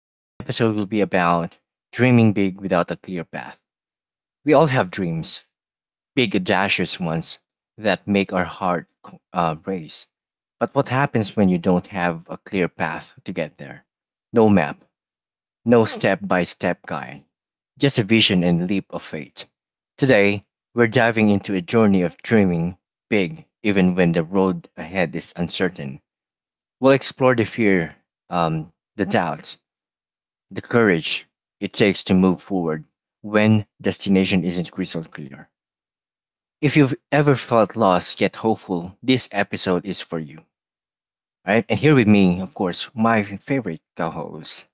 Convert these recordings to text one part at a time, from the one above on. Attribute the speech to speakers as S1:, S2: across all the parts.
S1: Today's episode will be about dreaming big without a clear path. We all have dreams, big, audacious ones that make our heart race. But what happens when you don't have a clear path to get there? No map, no step by step guide, just a vision and leap of faith. Today, we're diving into a journey of dreaming big, even when the road ahead is uncertain. We'll explore the fear, um, the doubts, the courage it takes to move forward when destination isn't crystal clear. If you've ever felt lost yet hopeful, this episode is for you. All right, and here with me, of course, my favorite co-host,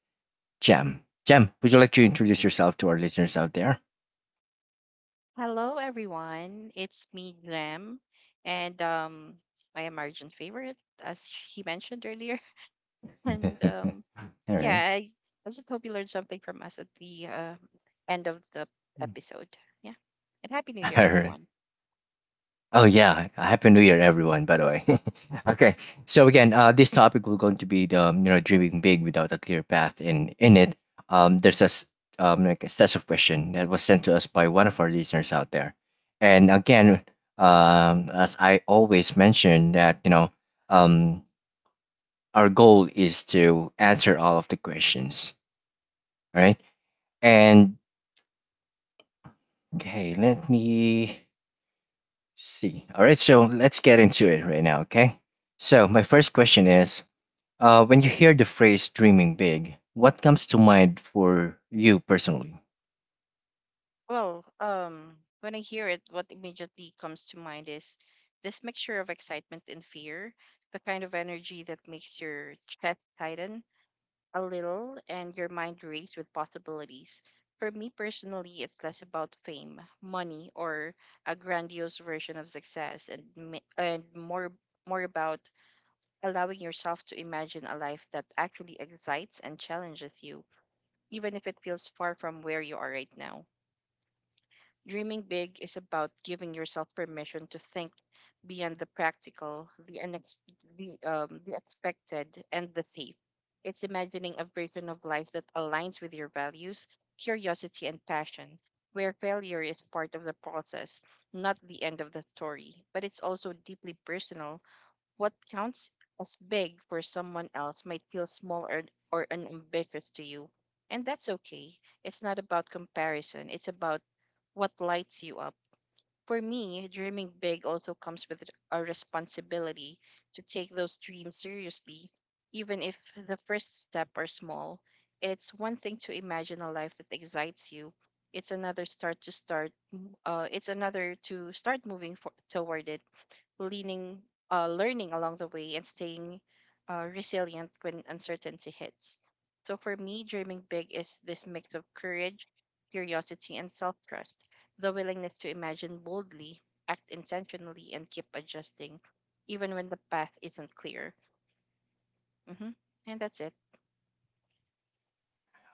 S1: Jam. Jam, would you like to introduce yourself to our listeners out there?
S2: Hello, everyone. It's me, Graham, and my American favorite, as he mentioned earlier. And um,
S1: All right.
S2: yeah, I, I just hope you learned something from us at the end of the episode. Yeah, and happy New Year,
S1: All right.
S2: everyone.
S1: Oh yeah, happy New Year, everyone. By the way, okay. So again, this topic will going to be the um, dreaming big without a clear path in it. Um, there's like a set of question that was sent to us by one of our listeners out there, and again, as I always mention that um, our goal is to answer all of the questions, right? And okay, let me see. All right, so let's get into it right now, okay? So, my first question is when you hear the phrase dreaming big, what comes to mind for you personally?
S2: Well, when I hear it, what immediately comes to mind is this mixture of excitement and fear, the kind of energy that makes your chest tighten a little and your mind raced with possibilities. For me personally, it's less about fame, money, or a grandiose version of success, and more about allowing yourself to imagine a life that actually excites and challenges you, even if it feels far from where you are right now. Dreaming big is about giving yourself permission to think beyond the practical, the expected, and the safe. It's imagining a version of life that aligns with your values, curiosity, and passion, where failure is part of the process, not the end of the story. But it's also deeply personal, what counts as big for someone else might feel small or unambitious to you. And that's okay. It's not about comparison, it's about what lights you up. For me, dreaming big also comes with a responsibility to take those dreams seriously, even if the first step are small. It's one thing to imagine a life that excites you. It's another start to start. It's another to start moving toward it leaning, learning along the way, and staying resilient when uncertainty hits. So for me, dreaming big is this mix of courage, curiosity, and self trust, the willingness to imagine boldly, act intentionally, and keep adjusting, even when the path isn't clear. hmm And that's it.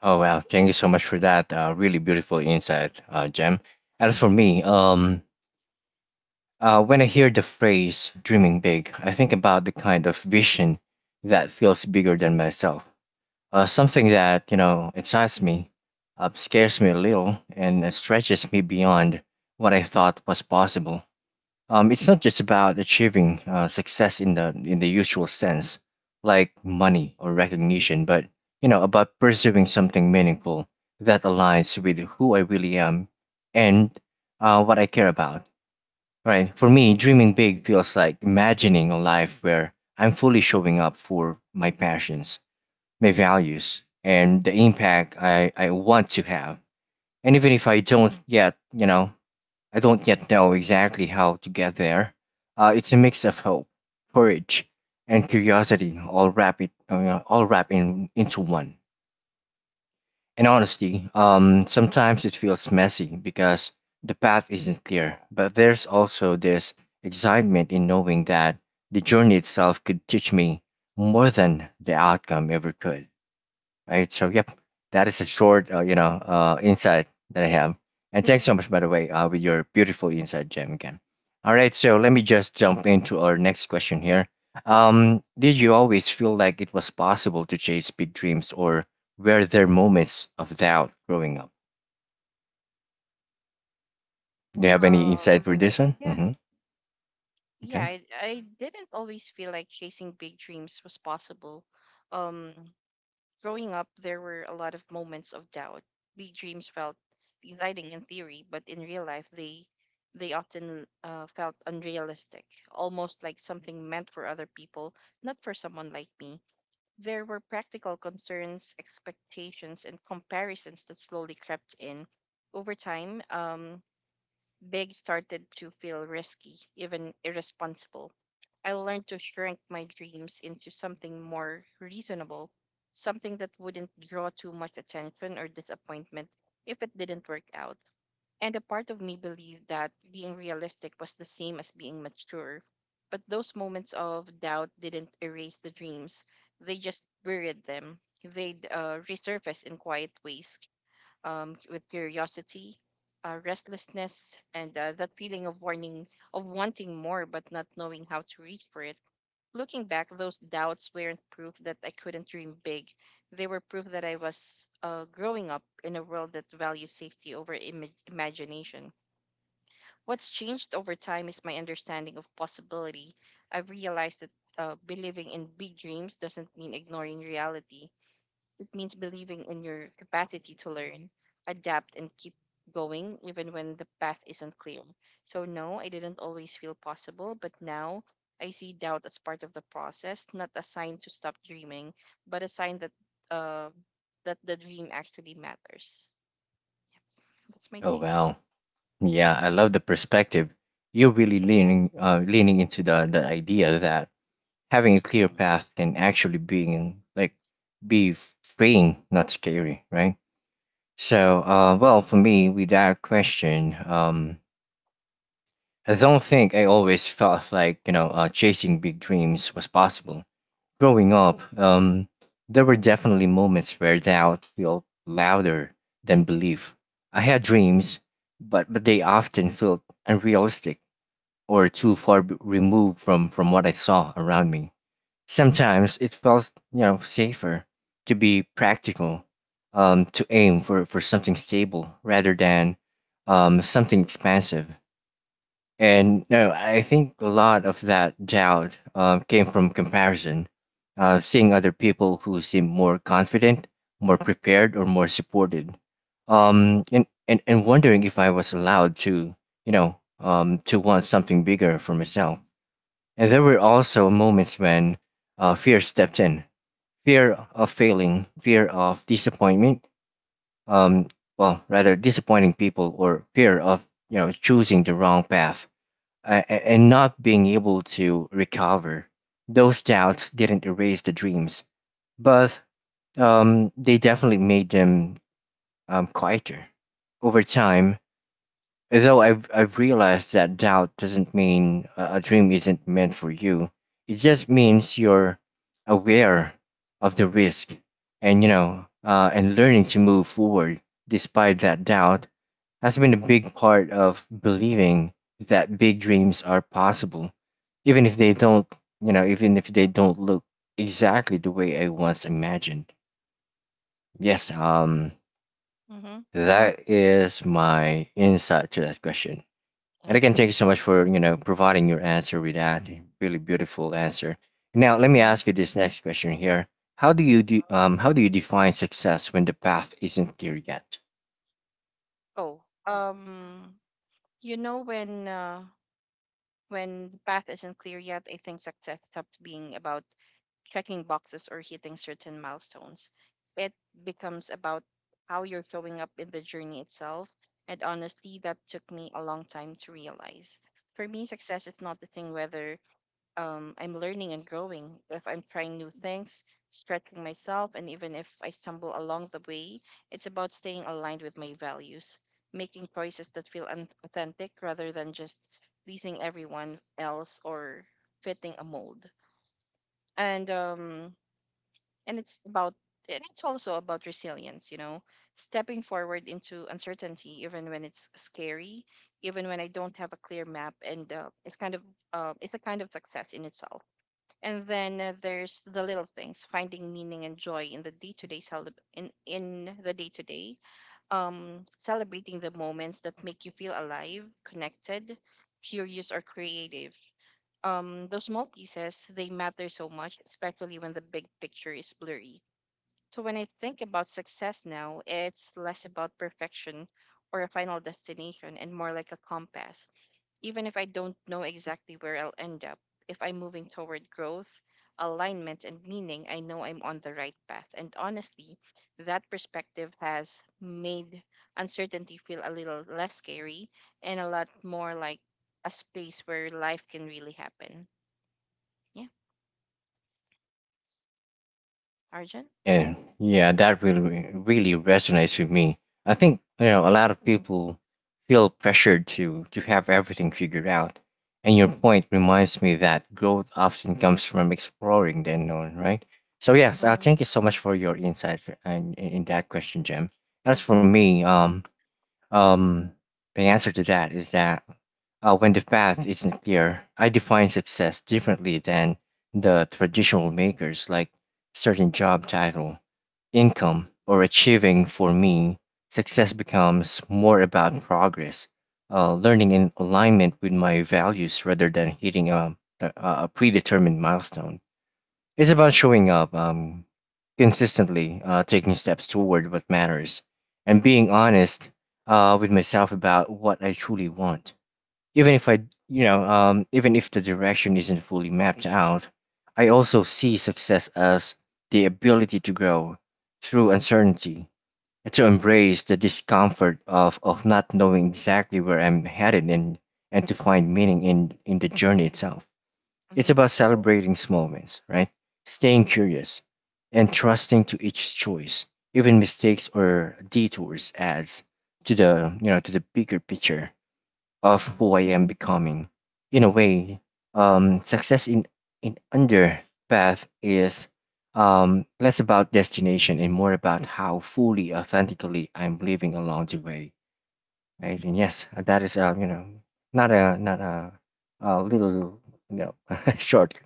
S1: Oh, wow. Thank you so much for that. Really beautiful insight, Jem. As for
S2: hmm
S1: me, when I hear the phrase dreaming big, I think about the kind of vision that feels bigger than myself. Something that, you know, excites me, scares me a little, and stretches me beyond what I thought was possible. It's not just about achieving success in the usual sense, like money or recognition, but you know about pursuing something meaningful that aligns with who I really am and what I care about. Right? For me, dreaming big feels like imagining a life where I'm fully showing up for my passions, my values, and the impact I want to have. And even if I don't yet, you know, I don't yet know exactly how to get there. It's a mix of hope, courage, and curiosity, all wrapped into one. And honestly, sometimes it feels messy because the path isn't clear. But there's also this excitement in knowing that the journey itself could teach me more than the outcome ever could right? So, yep, that is a short, insight that I have. And thanks so much, by the way, with your beautiful insight, Jam again. All right, so let me just jump into our next question here. Did you always feel like it was possible to chase big dreams, or were there moments of doubt growing up? Do you have any
S2: Uh.
S1: insight for this one?
S2: Yeah.
S1: Mm-hmm.
S2: yeah,
S1: Okay.
S2: I, I didn't always feel like chasing big dreams was possible. Um, Growing up, there were a lot of moments of doubt. Big dreams felt exciting in theory, but in real life, they often felt unrealistic, almost like something meant for other people, not for someone like me. There were practical concerns, expectations, and comparisons that slowly crept in. Over time, big started to feel risky, even irresponsible. I learned to shrink my dreams into something more reasonable, something that wouldn't draw too much attention or disappointment if it didn't work out. And a part of me believed that being realistic was the same as being mature. But those moments of doubt didn't erase the dreams, they just buried them. They'd resurface in quiet ways, with curiosity, restlessness, and that feeling of warning of wanting more but not knowing how to reach for it. Looking back, those doubts weren't proof that I couldn't dream big. They were proof that I was growing up in a world that values safety over imagination. What's changed over time is my understanding of possibility. I've realized that believing in big dreams doesn't mean ignoring reality, means believing in your capacity to learn, adapt, and keep going even when the path isn't clear. So, no, I didn't always feel possible, but now I see doubt as part of the process, not a sign to stop dreaming, but a sign that uh, that the dream actually matters. Yep. That's my
S1: Oh
S2: take.
S1: wow. Yeah, I love the perspective. You're really leaning into the idea that having a clear
S2: Mm-hmm.
S1: path can actually be freeing, not scary, right? So, well, for me, without question, I don't think I always felt like you know chasing big dreams was possible. Growing up, there were definitely moments where doubt felt louder than belief. I had dreams, but they often felt unrealistic or too far removed from what I saw around me. Sometimes it felt, you know, safer to be practical, to aim for something stable rather than something expansive. And no, I think a lot of that doubt came from comparison, seeing other people who seem more confident, more prepared, or more supported, and wondering if I was allowed to, you know, to want something bigger for myself. And there were also moments when fear stepped in fear of failing, fear of disappointment, um, well, rather disappointing people, or fear of you know choosing the wrong path and not being able to recover. Those doubts didn't erase the dreams, but they definitely made them quieter. Over time, though I've realized that doubt doesn't mean a dream isn't meant for you. It just means you're aware of the risk and, you know, and learning to move forward despite that doubt has been a big part of believing that big dreams are possible, even if they don't, you know, even if they don't look exactly the way I once imagined. Yes,
S2: Mm-hmm.
S1: that is my insight to that question. And again,
S2: Okay.
S1: thank you so much for you know providing your answer with that really beautiful answer. Now, let me
S2: Mm-hmm.
S1: ask you this next question here: How do you do? How do you define success when the path isn't clear yet?
S2: Oh, you know when the path isn't clear yet, I think success stops being about checking boxes or hitting certain milestones. It becomes about how you're showing up in the journey itself. And honestly, that took me a long time to realize. For me, success is not the thing whether I'm learning and growing, if I'm trying new things, stretching myself, and even if I stumble along the way, it's about staying aligned with my values, making choices that feel authentic rather than just pleasing everyone else or fitting a mold. And um, and it's about and it's also about resilience, you know, stepping forward into uncertainty even when it's scary, even when I don't have a clear map. And uh, it's kind of uh, it's a kind of success in itself. And then There's the little things, finding meaning and joy in the day-to-day, celebrating the moments that make you feel alive, connected, curious, or creative. Those small pieces, they matter so much, especially when the big picture is blurry. So when I think about success now, it's less about perfection or a final destination and more like a compass. Even if I don't know exactly where I'll end up, if I'm moving toward growth, alignment, and meaning, I know I'm on the right path. And honestly, that perspective has made uncertainty feel a little less scary and a lot more like a space where life can really happen. Yeah, Arjun?
S1: Yeah, yeah, that really resonates with me. I think you know a lot of people feel pressured to have everything figured out, and your point reminds me that growth often comes from exploring the unknown, right? So yes,
S2: Mm-hmm.
S1: thank you so much for your insight in that question, Jim. As for me, um, the answer to that is that when the path isn't clear, I define success differently than the traditional makers like certain job title income, or achieving, for me, success becomes more about progress, learning in alignment with my values rather than hitting a predetermined milestone. It's about showing up consistently, taking steps toward what matters, and being honest with myself about what I truly want. Even if I, you know, even if the direction isn't fully mapped out, I also see success as the ability to grow through uncertainty and to embrace the discomfort of not knowing exactly where I'm headed and to find meaning in the journey itself. It's
S2: Mm-hmm.
S1: about celebrating small wins, right? Staying curious and trusting to each choice. Even mistakes or detours adds to the you know to the bigger picture of
S2: Mm-hmm.
S1: who I am becoming. In a way, success in under path is less about destination and more about how fully, authentically I'm living along the way. Right? And yes, that is uh, not a not a, a little you know short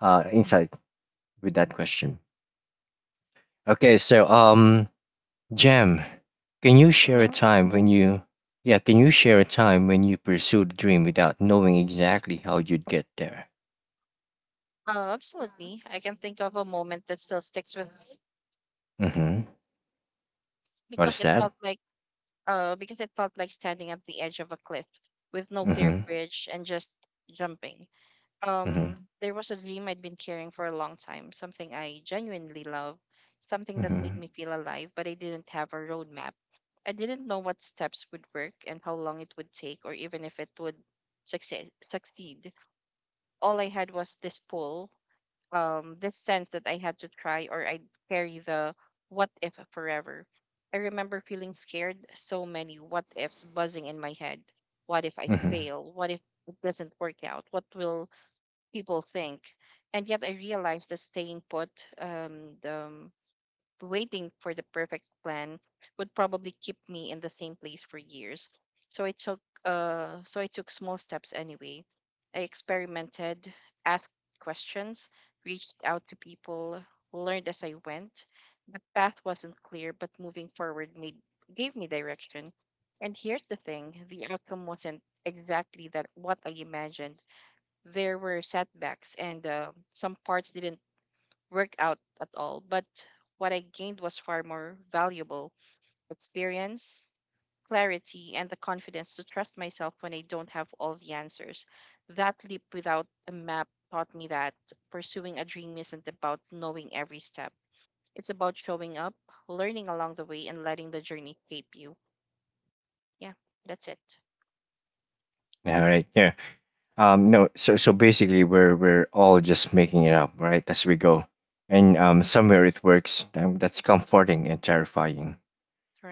S1: insight with that question. Okay, so Jam, can you share a time when you, yeah, can you share a time when you pursued a dream without knowing exactly how you'd get there?
S2: Absolutely. I can think of a moment that still sticks with me
S1: Mm-hmm. What
S2: because
S1: is
S2: it
S1: that?
S2: felt like because it felt like standing at the edge of a cliff with no clear
S1: Mm-hmm.
S2: bridge and just jumping.
S1: Mm-hmm.
S2: There was a dream I'd been carrying for a long time, something I genuinely love, something that
S1: Mm-hmm.
S2: made me feel alive, but I didn't have a roadmap. I didn't know what steps would work and how long it would take or even if it would success succeed. All I had was this pull, this sense that I had to try or I'd carry the what if forever. I remember feeling scared, so many what ifs buzzing in my head. What if I
S1: Mm-hmm.
S2: fail? What if it doesn't work out? What will people think? And yet I realized that staying put, um, the, um, waiting for the perfect plan would probably keep me in the same place for years. So I took small steps anyway. I experimented, asked questions, reached out to people, learned as I went. The path wasn't clear, but moving forward made gave me direction. And here's the thing, the outcome wasn't exactly that what I imagined. There were setbacks and some parts didn't worked out at all, but what I gained was far more valuable: experience, clarity, and the confidence to trust myself when I don't have all the answers. That leap without a map taught me that pursuing a dream isn't about knowing every step. It's about showing up, learning along the way, and letting the journey shape you. Yeah, that's it.
S1: All right. Yeah. No. So so basically, we're all just making it up, right, as we go, and somewhere it works. That's comforting and terrifying.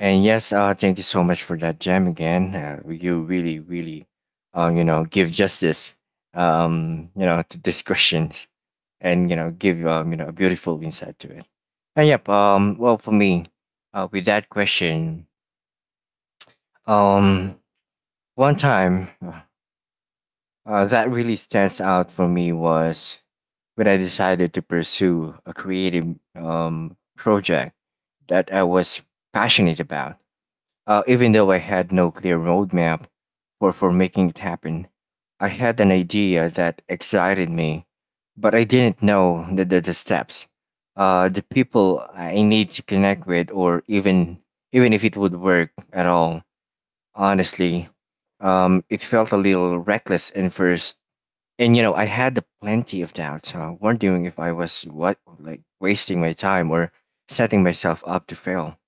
S1: And yes, thank you so much for that gem again. You really, really, give justice, to these questions, and a beautiful insight to it. And yep, well, for me, with that question, um, one time that really stands out for me was when I decided to pursue a creative project that I was passionate about. Even though I had no clear roadmap for making it happen, I had an idea that excited me, but I didn't know the steps, the people I need to connect with, or even if it would work at all. Honestly, it felt a little reckless at first, and you know I had plenty of doubts, wondering if I was what like wasting my time or setting myself up to fail.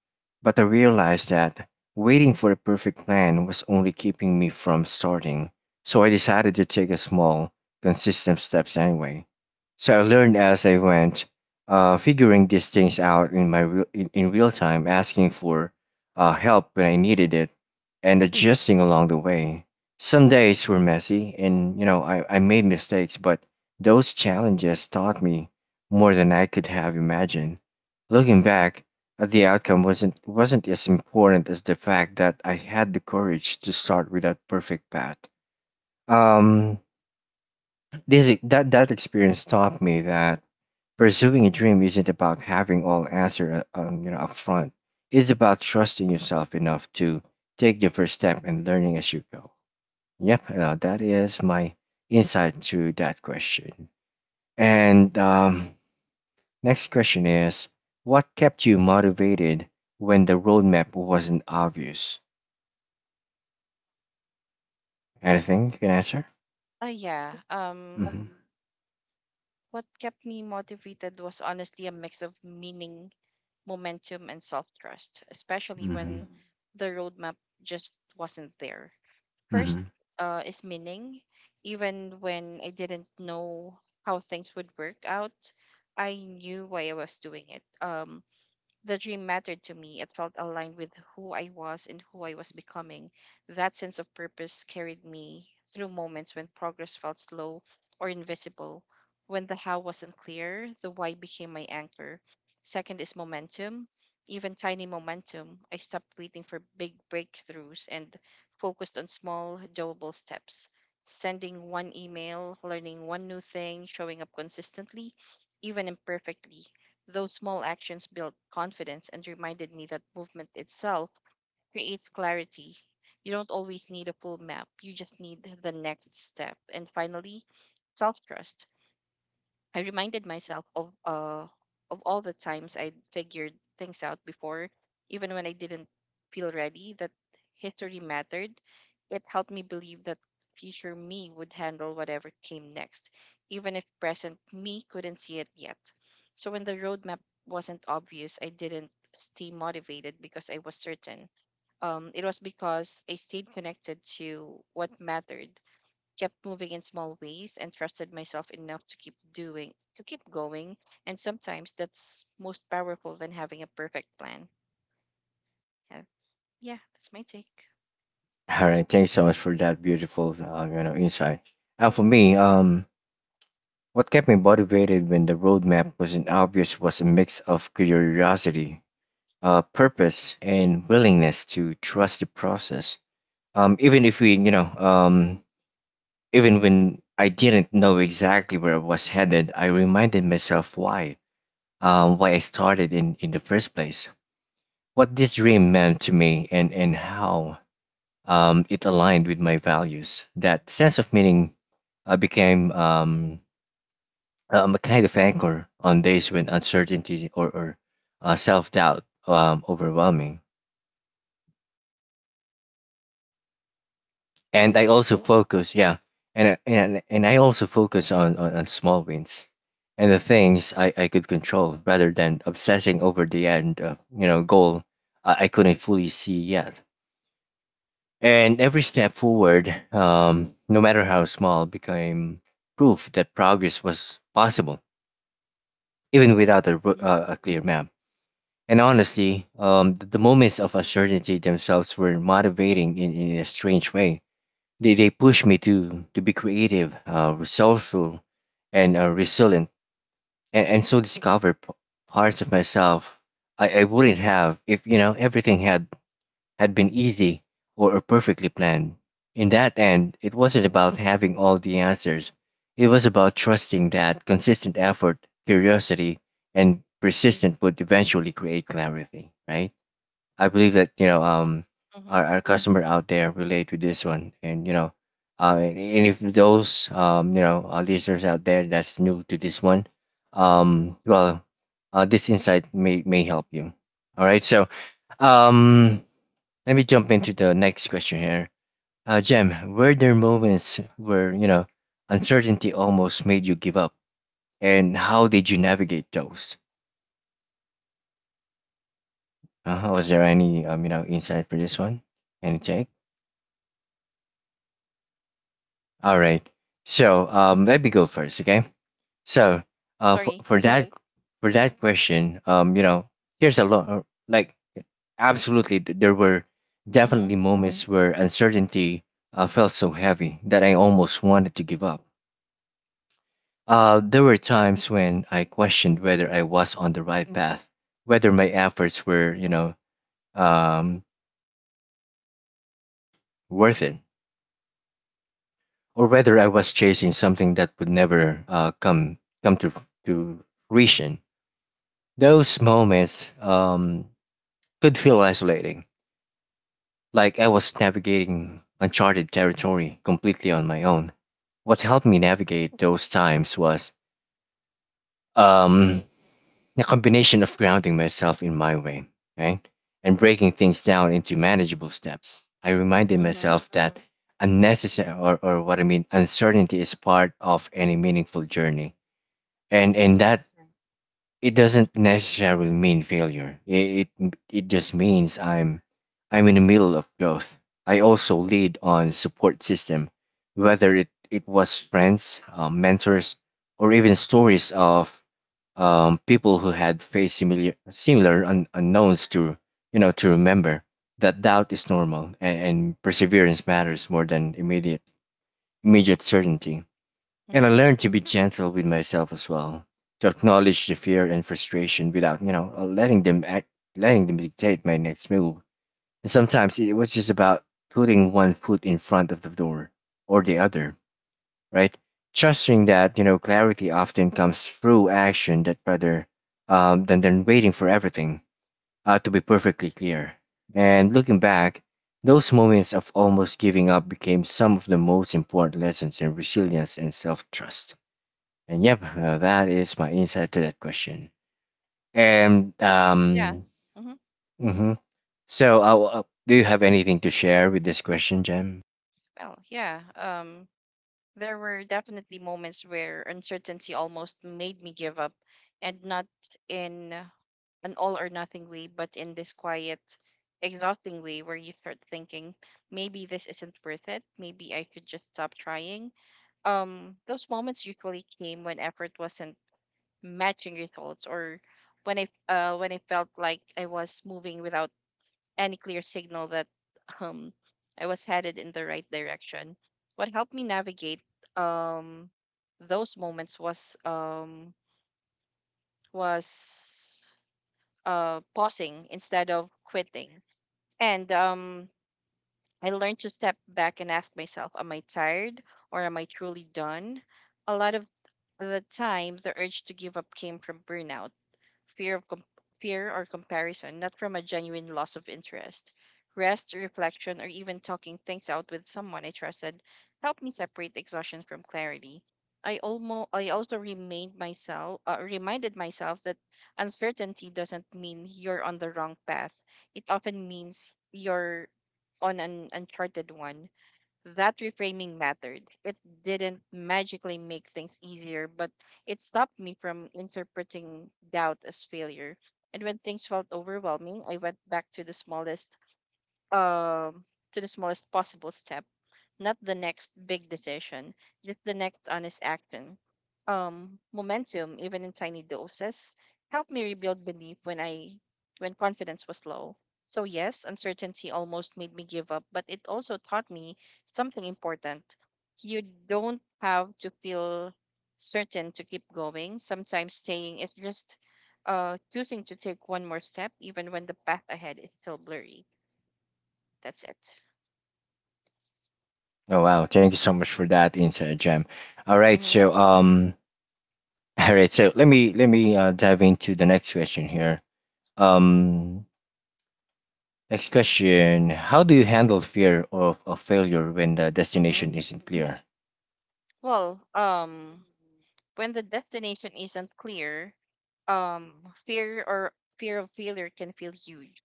S1: But I realized that waiting for the perfect plan was only keeping me from starting, so I decided to take a small, consistent steps anyway. So I learned as I went, figuring these things out in real time, asking for help when I needed it, and adjusting along the way. Some days were messy, and you know I made mistakes, but those challenges taught me more than I could have imagined. Looking back, the outcome wasn't as important as the fact that I had the courage to start with a perfect path. Um, this that that experience taught me that pursuing a dream isn't about having all answer up front. It's about trusting yourself enough to take the first step and learning as you go. Yep, that is my insight to that question. And next question is what kept you motivated when the roadmap wasn't obvious? Anything you can answer?
S2: Uh, yeah. Um,
S1: Mm-hmm.
S2: what kept me motivated was honestly a mix of meaning, momentum, and self trust, especially
S1: Mm-hmm.
S2: when the roadmap just wasn't there. First
S1: Mm-hmm.
S2: is meaning. Even when I didn't know how things would work out, I knew why I was doing it. The dream mattered to me. It felt aligned with who I was and who I was becoming. That sense of purpose carried me through moments when progress felt slow or invisible. When the how wasn't clear, the why became my anchor. Second is momentum. Even tiny momentum, I stopped waiting for big breakthroughs and focused on small, doable steps. Sending one email, learning one new thing, showing up consistently, even imperfectly. Those small actions built confidence and reminded me that movement itself creates clarity. You don't always need a full map, you just need the next step. And finally, self trust. I reminded myself of all the times I figured things out before, even when I didn't feel ready. That history mattered. It helped me believe that future me would handle whatever came next, even if present me couldn't see it yet. So when the roadmap wasn't obvious, I didn't stay motivated because I was certain. It was because I stayed connected to what mattered, kept moving in small ways, and trusted myself enough to keep going. And sometimes that's most powerful than having a perfect plan. Yeah, yeah, that's my take.
S1: All right. Thanks so much for that beautiful insight. And for me, what kept me motivated when the roadmap wasn't obvious was a mix of curiosity, purpose, and willingness to trust the process. Even if we, you know, Even when I didn't know exactly where I was headed, I reminded myself why I started in the first place, what this dream meant to me, and how it aligned with my values. That sense of meaning became a kind of anchor on days when uncertainty or self doubt overwhelming. And
S2: Right.
S1: I also focus, yeah, and I also focus on small wins and the things I could control rather than obsessing over the end goal I couldn't fully see yet. And every step forward, no matter how small, became proof that progress was possible, even without a, ro-
S2: Mm-hmm.
S1: uh, a clear map. And honestly, the moments of uncertainty themselves were motivating in a strange way. They push me to be creative, resourceful, and resilient, and so discover parts of myself I wouldn't have if everything had been easy or perfectly planned. In that end, it wasn't about having all the answers. It was about trusting that consistent effort, curiosity, and persistence would eventually create clarity. Right. I believe that
S2: Mm-hmm.
S1: our customer out there relate with this one, and and if those listeners out there that's new to this one, um well, this insight may help you. All right, so um let me jump into the next question here. Jem, were there moments where uncertainty almost made you give up, and how did you navigate those? Was there any insight for this one? Any take? All right. So let me go first, okay? So uh, for
S2: Sorry.
S1: for that for that question, here's a lot. Like, absolutely, there were
S2: Mm-hmm.
S1: definitely moments where uncertainty felt so heavy that I almost wanted to give up. There were times when I questioned whether I was on the right path, whether my efforts were, um, worth worth it, or whether I was chasing something that would never come to fruition. Those moments could feel isolating, like I was navigating uncharted territory completely on my own. What helped me navigate those times was um, a combination of grounding myself in my way, right, and breaking things down into manageable steps. I reminded
S2: Mm-hmm.
S1: myself that unnecessary, or what I mean, uncertainty is part of any meaningful journey, and
S2: Right.
S1: that it doesn't necessarily mean failure. It just means I'm in the middle of growth. I also lead on support system, whether it was friends, mentors, or even stories of people who had faced similar unknowns, to to remember that doubt is normal, and perseverance matters more than immediate certainty. And I
S2: Mm-hmm.
S1: learned to be gentle with myself as well, to acknowledge the fear and frustration without, letting them act, letting them dictate my next move. And sometimes it was just about putting one foot in front of the door or the other, right? Trusting that clarity often comes through action that rather than waiting for everything to be perfectly clear. And looking back, those moments of almost giving up became some of the most important lessons in resilience and self-trust. And yep, that is my insight to that question. And
S2: Yeah. Mm-hmm.
S1: Mhm. So do you have anything to share with this question, Jem?
S2: Well, there were definitely moments where uncertainty almost made me give up, and not in an all or nothing way, but in this quiet, exhausting way where you start thinking, maybe this isn't worth it. Maybe I should just stop trying. Those moments usually came when effort wasn't matching results, or when I felt like I was moving without any clear signal that um I was headed in the right direction. What helped me navigate um those moments was pausing instead of quitting. And I learned to step back and ask myself, am I tired or am I truly done? A lot of the time the urge to give up came from burnout, fear of com- fear or comparison, not from a genuine loss of interest. Rest, reflection, or even talking things out with someone I trusted helped me separate exhaustion from clarity. I almost I also remained myself reminded myself that uncertainty doesn't mean you're on the wrong path. It often means you're on an uncharted one. That reframing mattered. It didn't magically make things easier, but it stopped me from interpreting doubt as failure. And when things felt overwhelming, I went back um to the smallest possible step, not the next big decision, just the next honest action. Momentum, even in tiny doses, helped me rebuild belief when confidence was low. So yes, uncertainty almost made me give up, but it also taught me something important. You don't have to feel certain to keep going. Sometimes staying is just choosing to take one more step, even when the path ahead is still blurry. That's it.
S1: Oh wow, thank you so much for that insight, Jem. All right,
S2: Mm-hmm.
S1: so all right, so let me dive into the next question here. Um, Next question: how do you handle fear of failure when the
S2: Mm-hmm.
S1: destination isn't clear?
S2: Well, when the destination isn't clear, um, fear or fear of failure can feel huge,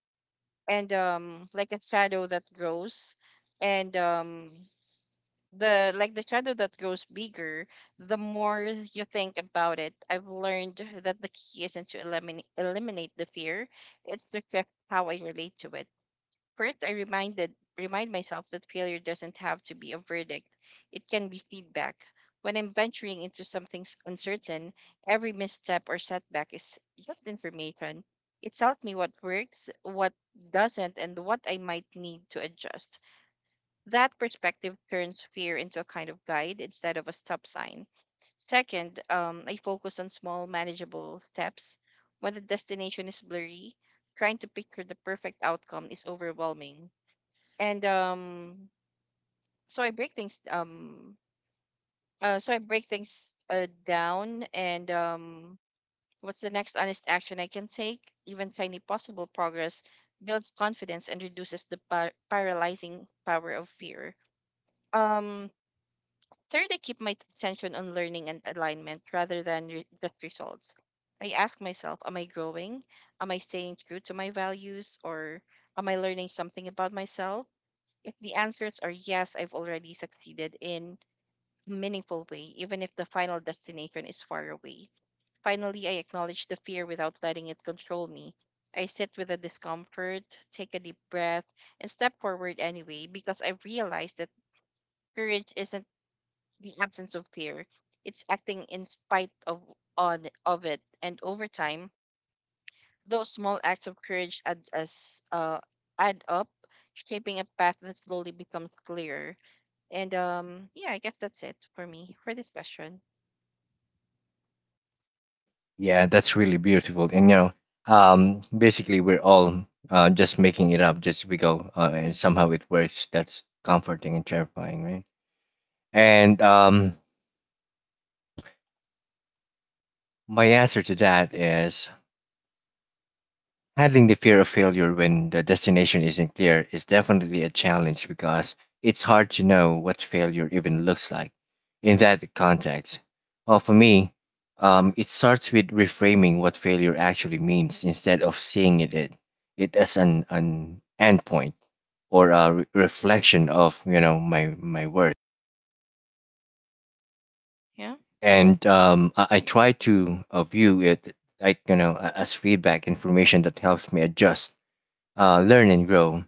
S2: and like a shadow that grows, and the shadow that grows bigger, the more you think about it. I've learned that the key isn't to eliminate the fear; it's to shift how I relate to it. First, I reminded remind myself that failure doesn't have to be a verdict. It can be feedback. When I'm venturing into something uncertain, every misstep or setback is just information. It tells me what works, what doesn't, and what I might need to adjust. That perspective turns fear into a kind of guide instead of a stop sign. Second, I focus on small, manageable steps. When the destination is blurry, trying to picture the perfect outcome is overwhelming, and so I break things so I break things down. And What's the next honest action I can take? Even tiny possible progress builds confidence and reduces the paralyzing power of fear. um Third, I keep my attention on learning and alignment rather than just results. I ask myself, am I growing? Am I staying true to my values? Or am I learning something about myself? If the answers are yes, I've already succeeded in a meaningful way, even if the final destination is far away. Finally, I acknowledge the fear without letting it control me. I sit with the discomfort, take a deep breath, and step forward anyway, because I've realized that courage isn't the absence of fear. It's acting in spite of it. And over time, those small acts of courage add up, shaping a path that slowly becomes clearer. And yeah, I guess that's it for me for this question.
S1: Yeah, that's really beautiful. And you know, basically we're all just making it up just we go, and somehow it works. That's comforting and terrifying, right? And my answer to that is, handling the fear of failure when the destination isn't clear is definitely a challenge because it's hard to know what failure even looks like in that context. Well, for me, it starts with reframing what failure actually means, instead of seeing it as an endpoint or a reflection of my worth.
S2: Yeah.
S1: And I try to view it like as feedback information that helps me adjust, learn, and grow.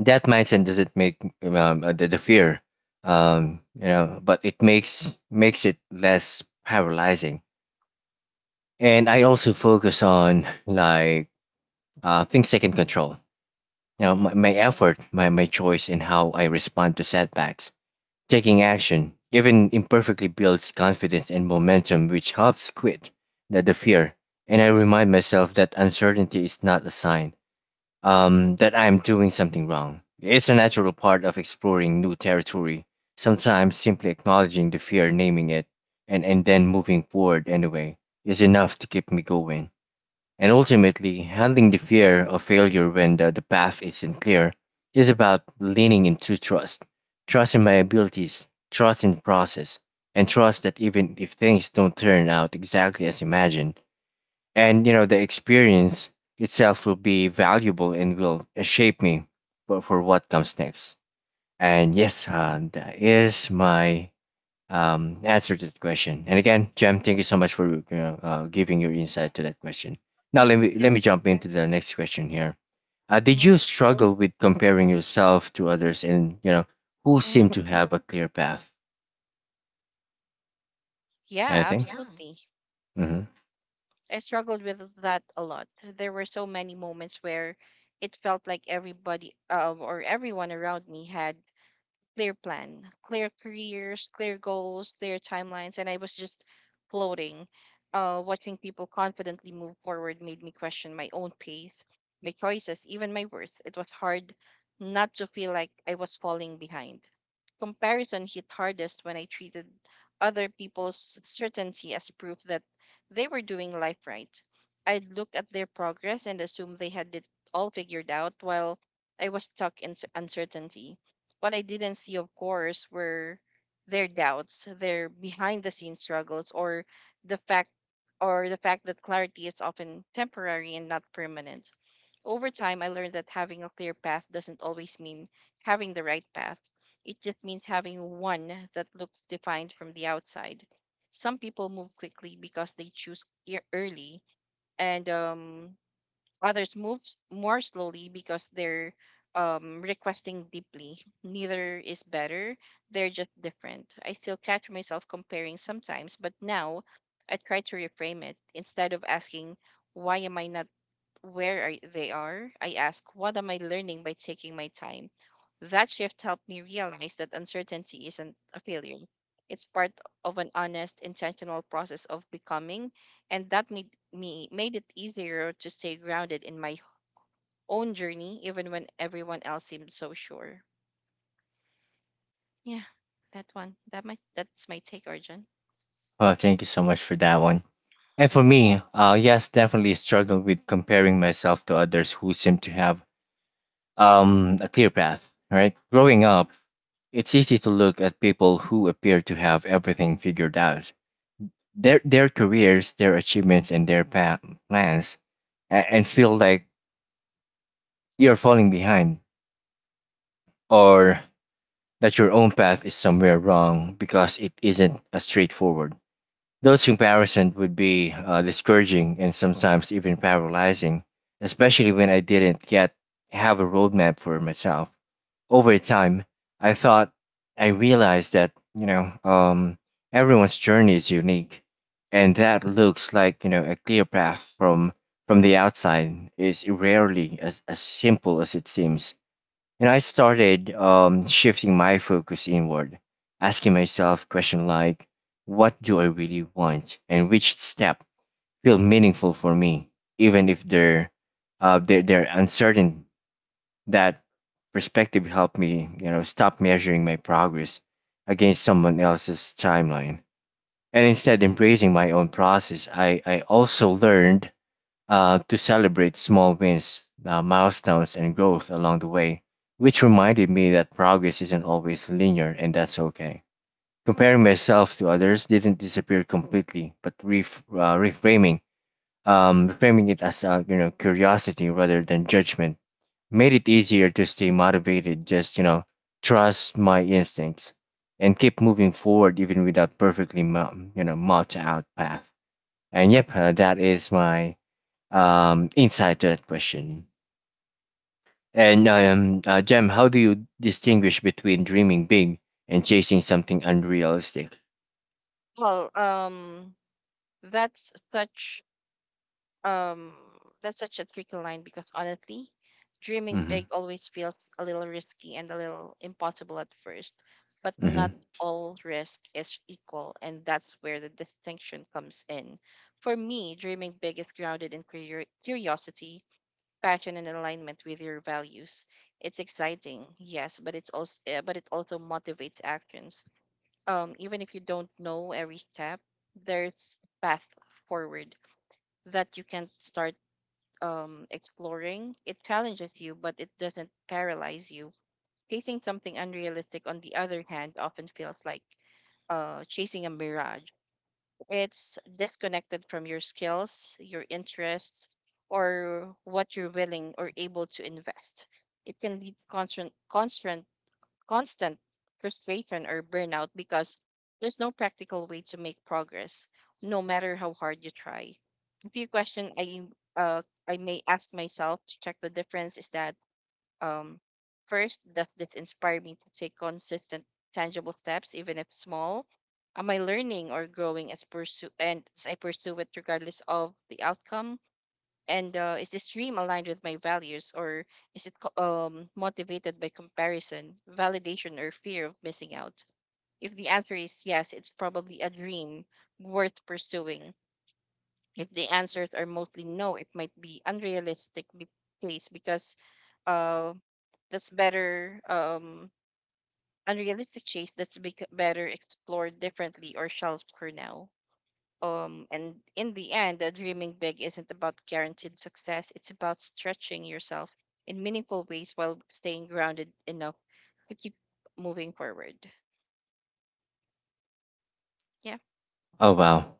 S1: That mindset doesn't make the fear but it makes it less paralyzing. And I also focus on things I can control,
S2: Mm-hmm.
S1: my effort, my choice, and how I respond to setbacks. Taking action, even imperfectly, builds confidence and momentum, which helps quit the fear. And I remind myself that uncertainty is not a sign that I am doing something wrong. It's a natural part of exploring new territory. Sometimes simply acknowledging the fear, naming it, and then moving forward anyway is enough to keep me going. And ultimately, handling the fear of failure when the path isn't clear is about leaning into trust in my abilities, trust in the process, and trust that even if things don't turn out exactly as imagined, and the experience itself will be valuable and will shape me for what comes next. And yes, that is my answer to the question. And again, Jem, thank you so much for giving your insight to that question. Now let me
S2: Yeah.
S1: let me jump into the next question here. Did
S2: Mm-hmm.
S1: you struggle with comparing yourself to others, and who
S2: Mm-hmm.
S1: seem to have a clear path?
S2: Yeah,
S1: Anything? Yeah.
S2: absolutely.
S1: Mm-hmm.
S2: I struggled with that a lot. There were so many moments where it felt like everybody or everyone around me had clear plan, clear careers, clear goals, clear timelines, and I was just floating. Watching people confidently move forward made me question my own pace, my choices, even my worth. It was hard not to feel like I was falling behind. Comparison hit hardest when I treated other people's certainty as proof that they were doing life right. I'd look at their progress and assume they had it all figured out while I was stuck in uncertainty. What I didn't see, of course, were their doubts, their behind the scenes struggles, or the fact the fact that clarity is often temporary and not permanent. Over time, I learned that having a clear path doesn't always mean having the right path. It just means having one that looks defined from the outside. Some people move quickly because they choose early, and others move more slowly because they're requesting deeply. Neither is better, they're just different. I still catch myself comparing sometimes, but now I try to reframe it. Instead of asking, why am I not where they are, I ask, what am I learning by taking my time? That shift helped me realize that uncertainty isn't a failure. It's part of an honest, intentional process of becoming, and that made it easier to stay grounded in my own journey, even when everyone else seemed so sure. Yeah, that one. That's my take, Arjun.
S1: Well, thank you so much for that one. And for me, yes, definitely struggle with comparing myself to others who seem to have a clear path, right? Growing up, it's easy to look at people who appear to have everything figured out, their careers, their achievements, and their plans, and feel like you're falling behind, or that your own path is somewhere wrong because it isn't as straightforward. Those comparisons would be discouraging and sometimes even paralyzing, especially when I didn't yet have a roadmap for myself. Over time, I thought I realized that, everyone's journey is unique, and that looks like, a clear path from the outside is rarely as simple as it seems. And I started shifting my focus inward, asking myself questions like, what do I really want? And which step feel meaningful for me, even if they're uncertain. That perspective helped me, stop measuring my progress against someone else's timeline. And instead embracing my own process, I also learned to celebrate small wins, milestones, and growth along the way, which reminded me that progress isn't always linear, and that's okay. Comparing myself to others didn't disappear completely, but reframing it as curiosity rather than judgment made it easier to stay motivated. Just trust my instincts and keep moving forward even without perfectly mapped out path. And yep, that is my insight to that question. And Jem, how do you distinguish between dreaming big and chasing something unrealistic?
S2: Well, um, that's such Um, that's such a tricky line, because honestly, dreaming
S1: Hmm.
S2: big always feels a little risky and a little impossible at first, but
S1: Hmm.
S2: not all risk is equal, and that's where the distinction comes in. For me, dreaming big is grounded in curiosity, passion, and alignment with your values. It's exciting, yes, but it also motivates actions. Even if you don't know every step, there's a path forward that you can start exploring. It challenges you, but it doesn't paralyze you. Chasing something unrealistic, on the other hand, often feels like chasing a mirage. It's disconnected from your skills, your interests, or what you're willing or able to invest. It can lead to constant frustration or burnout, because there's no practical way to make progress, no matter how hard you try. A few questions uh I may ask myself to check the difference is that, um first, does this inspire me to take consistent, tangible steps, even if small? Am I learning or growing as I pursue it, regardless of the outcome? And is this dream aligned with my values, or is it motivated by comparison, validation, or fear of missing out? If the answer is yes, it's probably a dream worth pursuing. If the answers are mostly no, it might be unrealistic be- case because uh, that's better unrealistic chase that's bec better explored differently or shelved for now. And in the end, dreaming big isn't about guaranteed success. It's about stretching yourself in meaningful ways while staying grounded enough to keep moving forward. Yeah.
S1: Oh wow.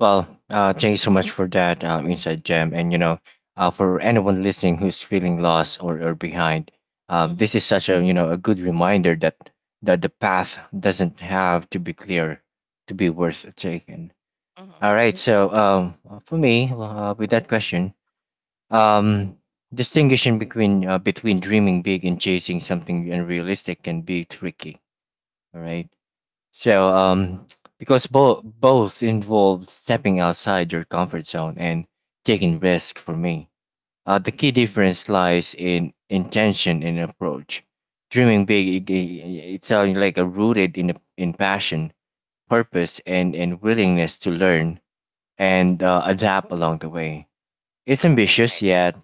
S1: Well, thank you so much for that insight, Jem. And you know, for anyone listening who's feeling lost or behind,
S2: Mm-hmm.
S1: this is such a a good reminder that that the path doesn't have to be clear to be worth taking.
S2: Mm-hmm.
S1: All right. So for me, with that question. Um, distinguishing between dreaming big and chasing something unrealistic can be tricky. All right. So because both involve stepping outside your comfort zone and taking risk. For me, the key difference lies in intention and approach. Dreaming big, it- it's like a rooted in passion, purpose, and willingness to learn and adapt along the way. It's ambitious
S2: Right. Right.
S1: yet,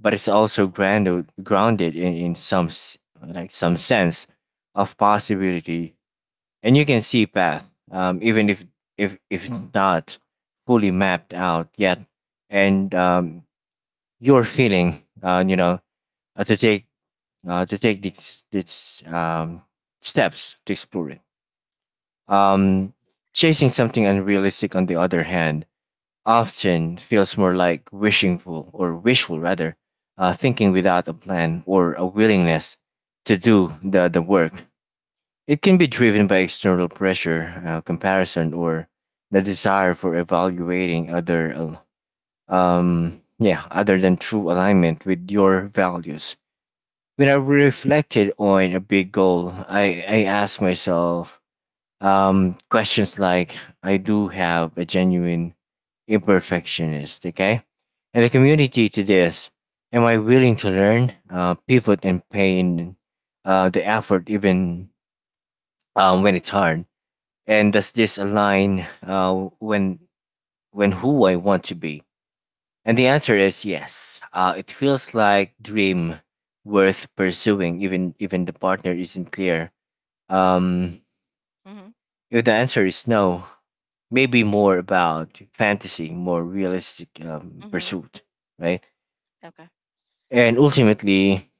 S1: but it's also grounded in some s- like some sense of possibility, and you can see path, even if it's not fully mapped out yet, and you're feeling, uh, to take to take these steps to explore it. Um, Chasing something unrealistic, on the other hand, often feels more like wishful or wishful rather, thinking without a plan or a willingness to do the work. It can be driven by external pressure, comparison, or the desire for evaluating other than true alignment with your values. When I reflected on a big goal, I asked myself questions like I do have a genuine imperfectionist, okay? And the community to this. Am I willing to learn, pivot, and pay in the effort even when it's hard? And does this align when when who I want to be? And the answer is yes. It feels like dream worth pursuing, even the partner isn't clear. Um,
S2: Mm-hmm.
S1: if the answer is no, maybe more about fantasy, more realistic
S2: Mm-hmm.
S1: pursuit, right?
S2: Okay.
S1: And ultimately,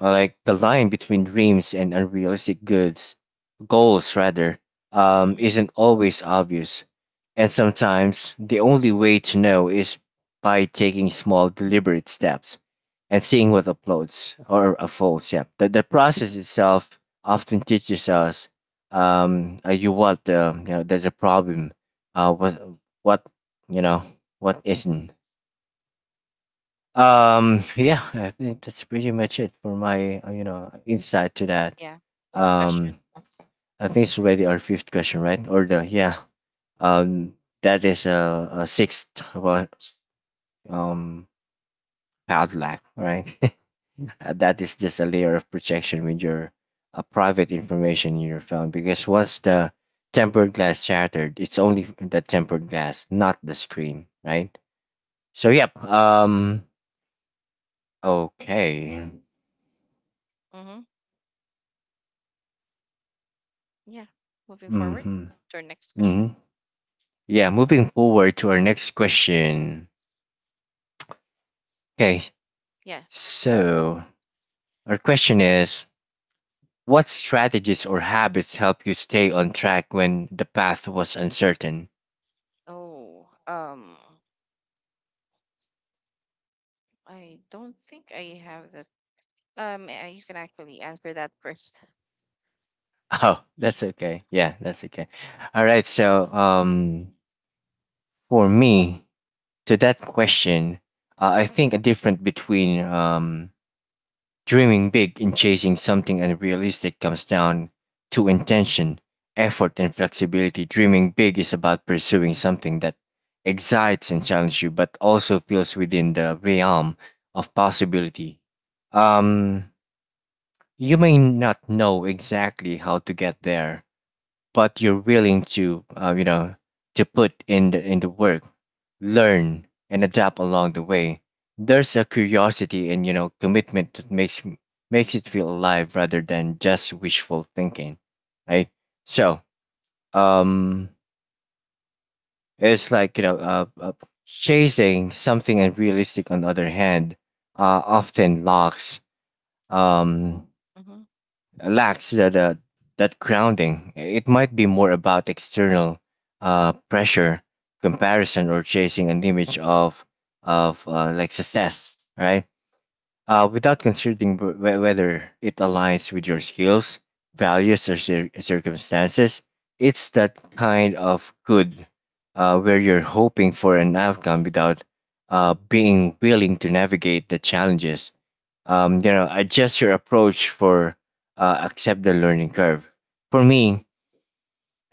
S1: like the line between dreams and unrealistic goods, goals rather,
S2: Mm-hmm.
S1: isn't always obvious. And sometimes the only way to know is by taking small, deliberate steps and seeing what uploads or unfolds. Yeah, the process itself often teaches us you what the you know there's a problem uh what what you know what isn't. Yeah, I think that's pretty much it for my insight to that.
S2: Yeah.
S1: Um
S2: Question.
S1: I think it's already our fifth question, right? Or the yeah. Um that is a sixth one, um padlock, right? That is just a layer of protection with your private information in your phone, because once the tempered glass shattered, it's only the tempered glass, not the screen, right? So yep. Okay.
S2: Mm-hmm. Yeah. Moving forward
S1: Mm-hmm.
S2: to our next question.
S1: Mm-hmm. Yeah, moving forward to our next question. Okay,
S2: Yeah.
S1: so our question is what strategies or habits help you stay on track when the path was uncertain?
S2: Oh. I don't think I have that. You can actually answer that 1st.
S1: Oh, that's okay. Yeah, that's okay. All right. For me, to that question, I think a difference between dreaming big and chasing something unrealistic comes down to intention, effort, and flexibility. Dreaming big is about pursuing something that excites and challenges you, but also feels within the realm of possibility. Um, you may not know exactly how to get there, but you're willing to to put in the work, learn, and adapt along the way. There's a curiosity and you know commitment that makes makes it feel alive rather than just wishful thinking, right? So um it's like chasing something unrealistic, on the other hand, often lacks um
S2: Mm-hmm.
S1: lacks that that grounding. It might be more about external pressure, comparison, or chasing an image of like success, right? Without considering whether it aligns with your skills, values, or circumstances. It's that kind of good where you're hoping for an outcome without being willing to navigate the challenges. Adjust your approach for accept the learning curve. For me,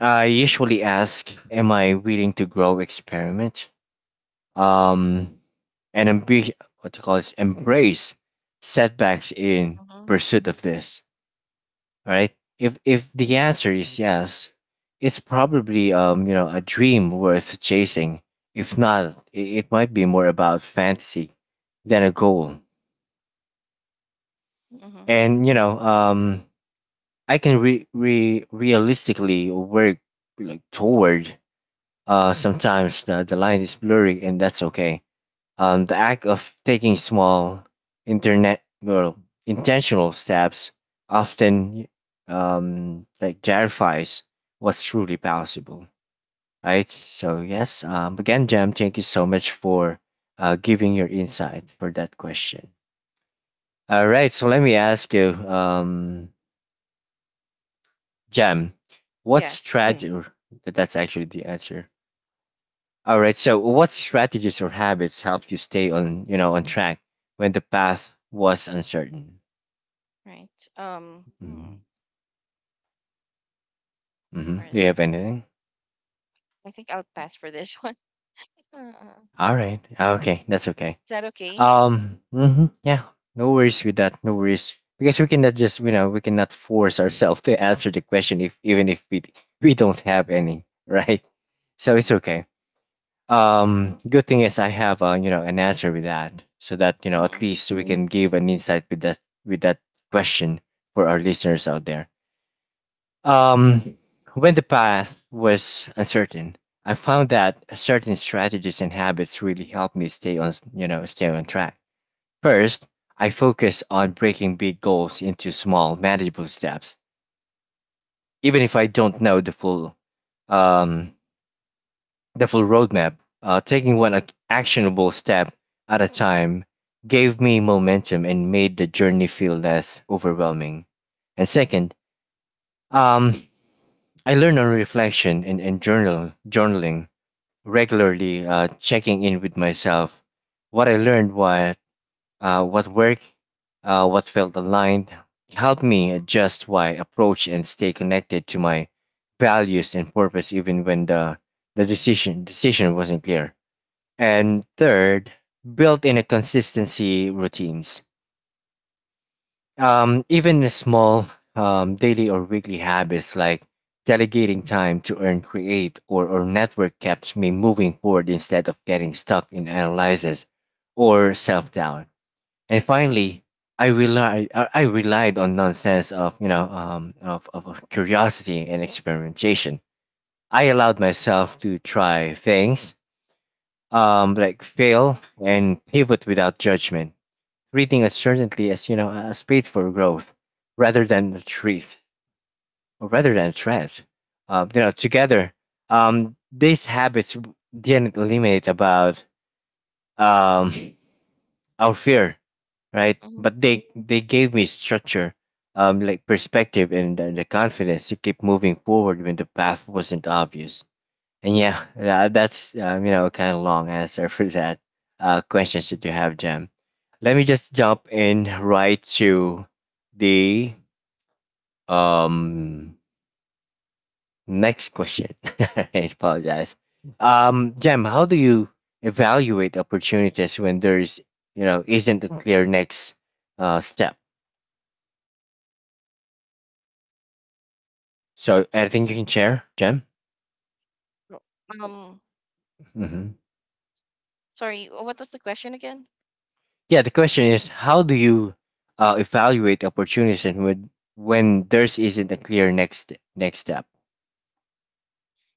S1: I usually ask, "Am I willing to grow, experiment?" Um, and ambi- what you call this, embrace setbacks in
S2: Mm-hmm.
S1: pursuit of this, right? If the answer is yes, it's probably a dream worth chasing. If not, it might be more about fantasy than a goal.
S2: Mm-hmm.
S1: And you know I can re, re realistically work like toward. Sometimes the line is blurry and that's okay. The act of taking small, internet well, intentional steps often like clarifies what's truly possible, right? So yes, again, Jam, thank you so much for giving your insight for that question. All right, so let me ask you, Jam, what
S2: Yes.
S1: strategy? Mm. That's actually the answer. All right, so what strategies or habits help you stay on, you know, on track when the path was uncertain?
S2: Right. Um, hmm,
S1: Mhm.
S2: where
S1: Mhm. Do
S2: is
S1: you
S2: that?
S1: have anything?
S2: I think I'll pass for this one. Uh,
S1: All right. Ah, okay, that's okay.
S2: is that okay?
S1: Mhm, yeah. No worries with that. No worries, because we cannot just you know we cannot force ourselves to answer the question if even if we we don't have any right. So it's
S2: Uh
S1: okay. Good thing is I have an answer with that, so that you know at
S2: hmm
S1: least we can give an insight with that question for our listeners out there. Um, when the path was uncertain, I found that certain strategies and habits really helped me stay on, stay on track. First, I focus on breaking big goals into small, manageable steps, even if I don't know um, the full roadmap. Taking one actionable step at a time gave me momentum and made the journey feel less overwhelming. And second, um, I learn on reflection and journaling regularly, checking in with myself, what I learned, what worked, what felt aligned. It helped me adjust my approach and stay connected to my values and purpose, even when the decision wasn't clear. And third, built in a consistency routines, even small daily or weekly habits like delegating time to earn, create, or network keeps me moving forward instead of getting stuck in analysis or self doubt. And finally, I rely I relied on nonsense of you know of curiosity and experimentation. I allowed myself to try things, like fail and pivot without judgment, treating uncertainty as you know a space for growth rather than a threat or rather than a threat. Together, these habits didn't eliminate about um our fear, right?
S2: mm-hmm.
S1: But they gave me structure, like perspective and the confidence to keep moving forward when the path wasn't obvious. And yeah, that, that's kind of long answer for that questions that you have, Jam. Let me just jump in right to the um next question. I apologize. Jam, how do you evaluate opportunities when there's you know isn't a clear next step? So anything you can share, Jam?
S2: Um, Sorry, what was the question again?
S1: Yeah, the question is how do you evaluate opportunities and when there's isn't a clear next step?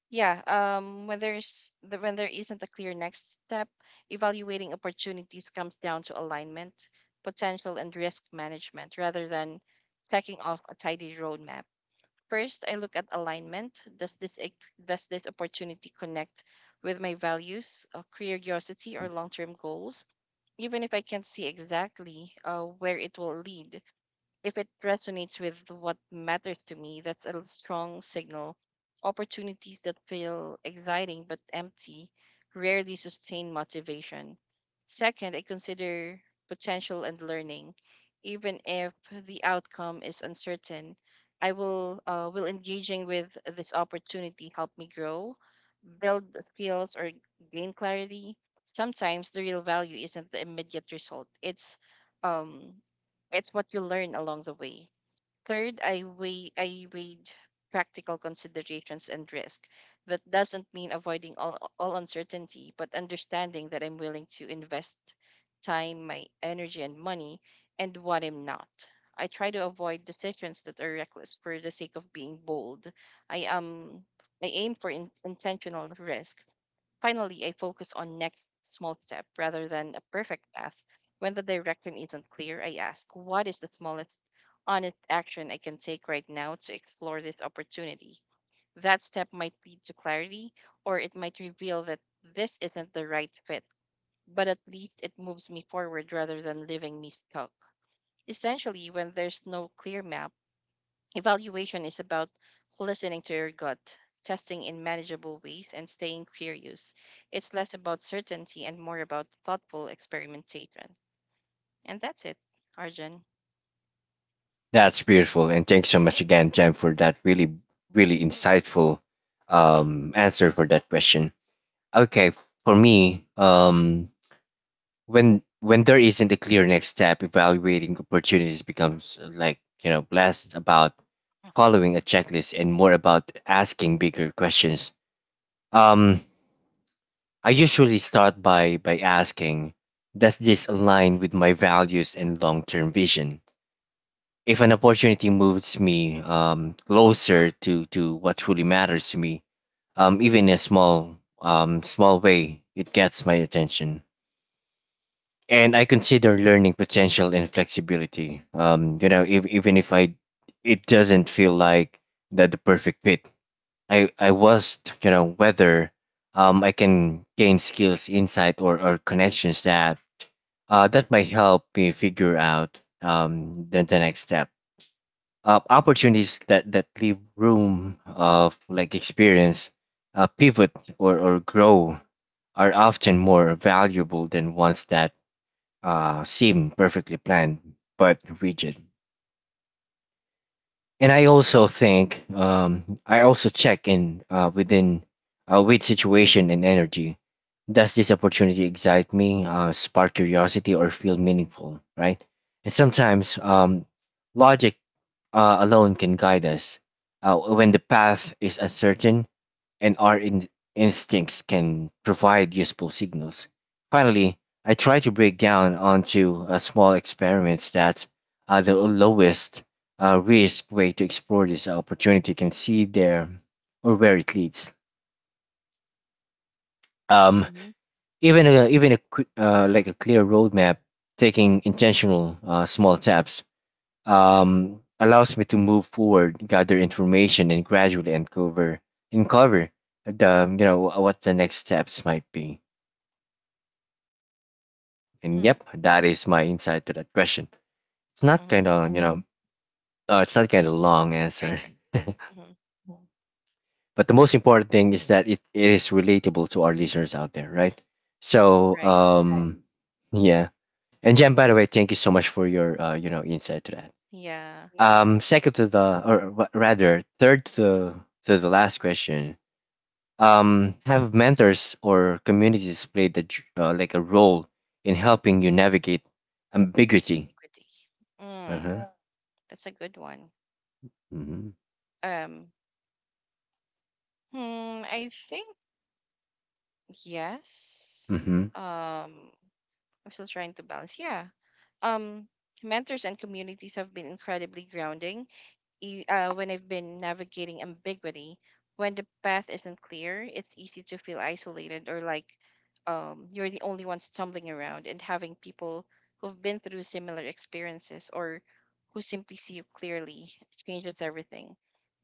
S2: Yeah, when there isn't a clear next step, evaluating opportunities comes down to alignment, potential, and risk management rather than checking off a tidy roadmap. First, I look at alignment. Does this opportunity connect with my values, curiosity, or long term goals? Even if I can't see exactly where it will lead, if it resonates with what matters to me, that's a strong signal. Opportunities that feel exciting but empty rarely sustain motivation. Second, I consider potential and learning. Even if the outcome is uncertain, I will engaging with this opportunity help me grow, build skills, or gain clarity? Sometimes the real value isn't the immediate result. Um it's what you learn along the way. Third, I weighed practical considerations and risk. That doesn't mean avoiding all uncertainty, but understanding that I'm willing to invest time, my energy and money, and what I'm not. I try to avoid decisions that are reckless for the sake of being bold. I am I aim for intentional risk. Finally, I focus on next small step rather than a perfect path. When the direction isn't clear, I ask, what is the smallest honest action I can take right now to explore this opportunity? That step might lead to clarity, or it might reveal that this isn't the right fit, but at least it moves me forward rather than leaving me stuck. Essentially, when there's no clear map, evaluation is about listening to your gut, testing in manageable ways, and staying curious. It's less about certainty and more about thoughtful experimentation. And that's it, Arjun.
S1: That's beautiful, and thanks so much again, Jem, for that really really insightful answer for that question. Okay, for me, when there isn't a clear next step, evaluating opportunities becomes less about following a checklist and more about asking bigger questions. um I usually start by asking, does this align with my values and long-term vision? If an opportunity moves me closer to what truly matters to me, even in a small small way, it gets my attention. And I consider learning potential and flexibility. You know, if, even if I it doesn't feel like that the perfect fit, I was you know whether I can gain skills, insight, or connections that that might help me figure out the next step. Opportunities that that leave room of like experience, pivot or grow are often more valuable than ones that seem perfectly planned but rigid. And I
S2: Mhm,
S1: also think I also check in with situation and energy. Does this opportunity excite me, spark curiosity, or feel meaningful? Right. And sometimes logic alone can guide us when the path is uncertain, and our instincts can provide useful signals. Finally, I try to break down onto small experiments that are the lowest risk way to explore this opportunity can see there or where it leads. Um,
S2: mhm.
S1: even a, even a like a clear roadmap, taking intentional small steps allows me to move forward, gather information, and gradually uncover the you know what the next steps might be. And
S2: Mm,
S1: yep, that is my insight to that question. It's not kind
S2: hmm.
S1: of, you know, it's not kind of long
S2: Right,
S1: answer,
S2: right. Hmm.
S1: but the most important thing is that it is relatable to our listeners out there, right? So,
S2: Right.
S1: yeah. And Jen, by the way, thank you so much for your, insight to that.
S2: Yeah.
S1: Second to the, or rather, third to the last question. Have mentors or communities played the, like a role in helping you navigate ambiguity?
S2: Equity. Mm,
S1: Uh-huh.
S2: that's a good one.
S1: Mm-hmm.
S2: Um, I think yes.
S1: Mm-hmm.
S2: Um, I'm still trying to balance. Yeah. Um, Mentors and communities have been incredibly grounding when I've been navigating ambiguity. When the path isn't clear, it's easy to feel isolated, or like you're the only one stumbling around, and having people who've been through similar experiences, or who simply see you clearly, changes everything.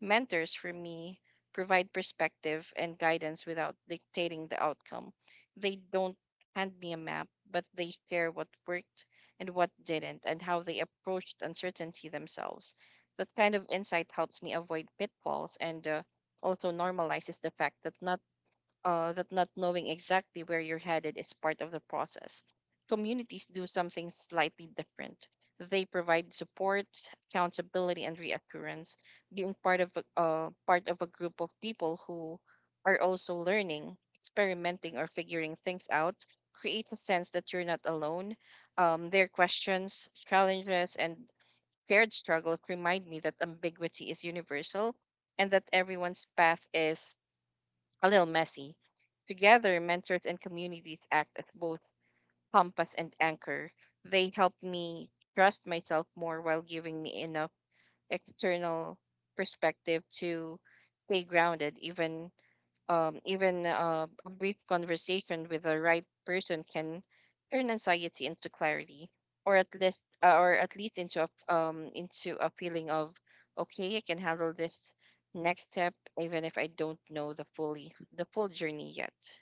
S2: Mentors, for me, provide perspective and guidance without dictating the outcome. They don't hand me a map, but they share what worked and what didn't, and how they approached uncertainty themselves. That kind of insight helps me avoid pitfalls, and also normalizes the fact that not knowing exactly where you're headed is part of the process. Communities do something slightly different. They provide support, accountability, and reassurance. Being part of a group of people who are also learning, experimenting, or figuring things out creates a sense that you're not alone. Their questions, challenges, and shared struggle remind me that ambiguity is universal and that everyone's path is a little messy. Together, mentors and communities act as both compass and anchor. They help me trust myself more while giving me enough external perspective to stay grounded. Even even A brief conversation with the right person can turn anxiety into clarity, or at least into a feeling of, okay, I can handle this next step, even if I don't know the full journey yet.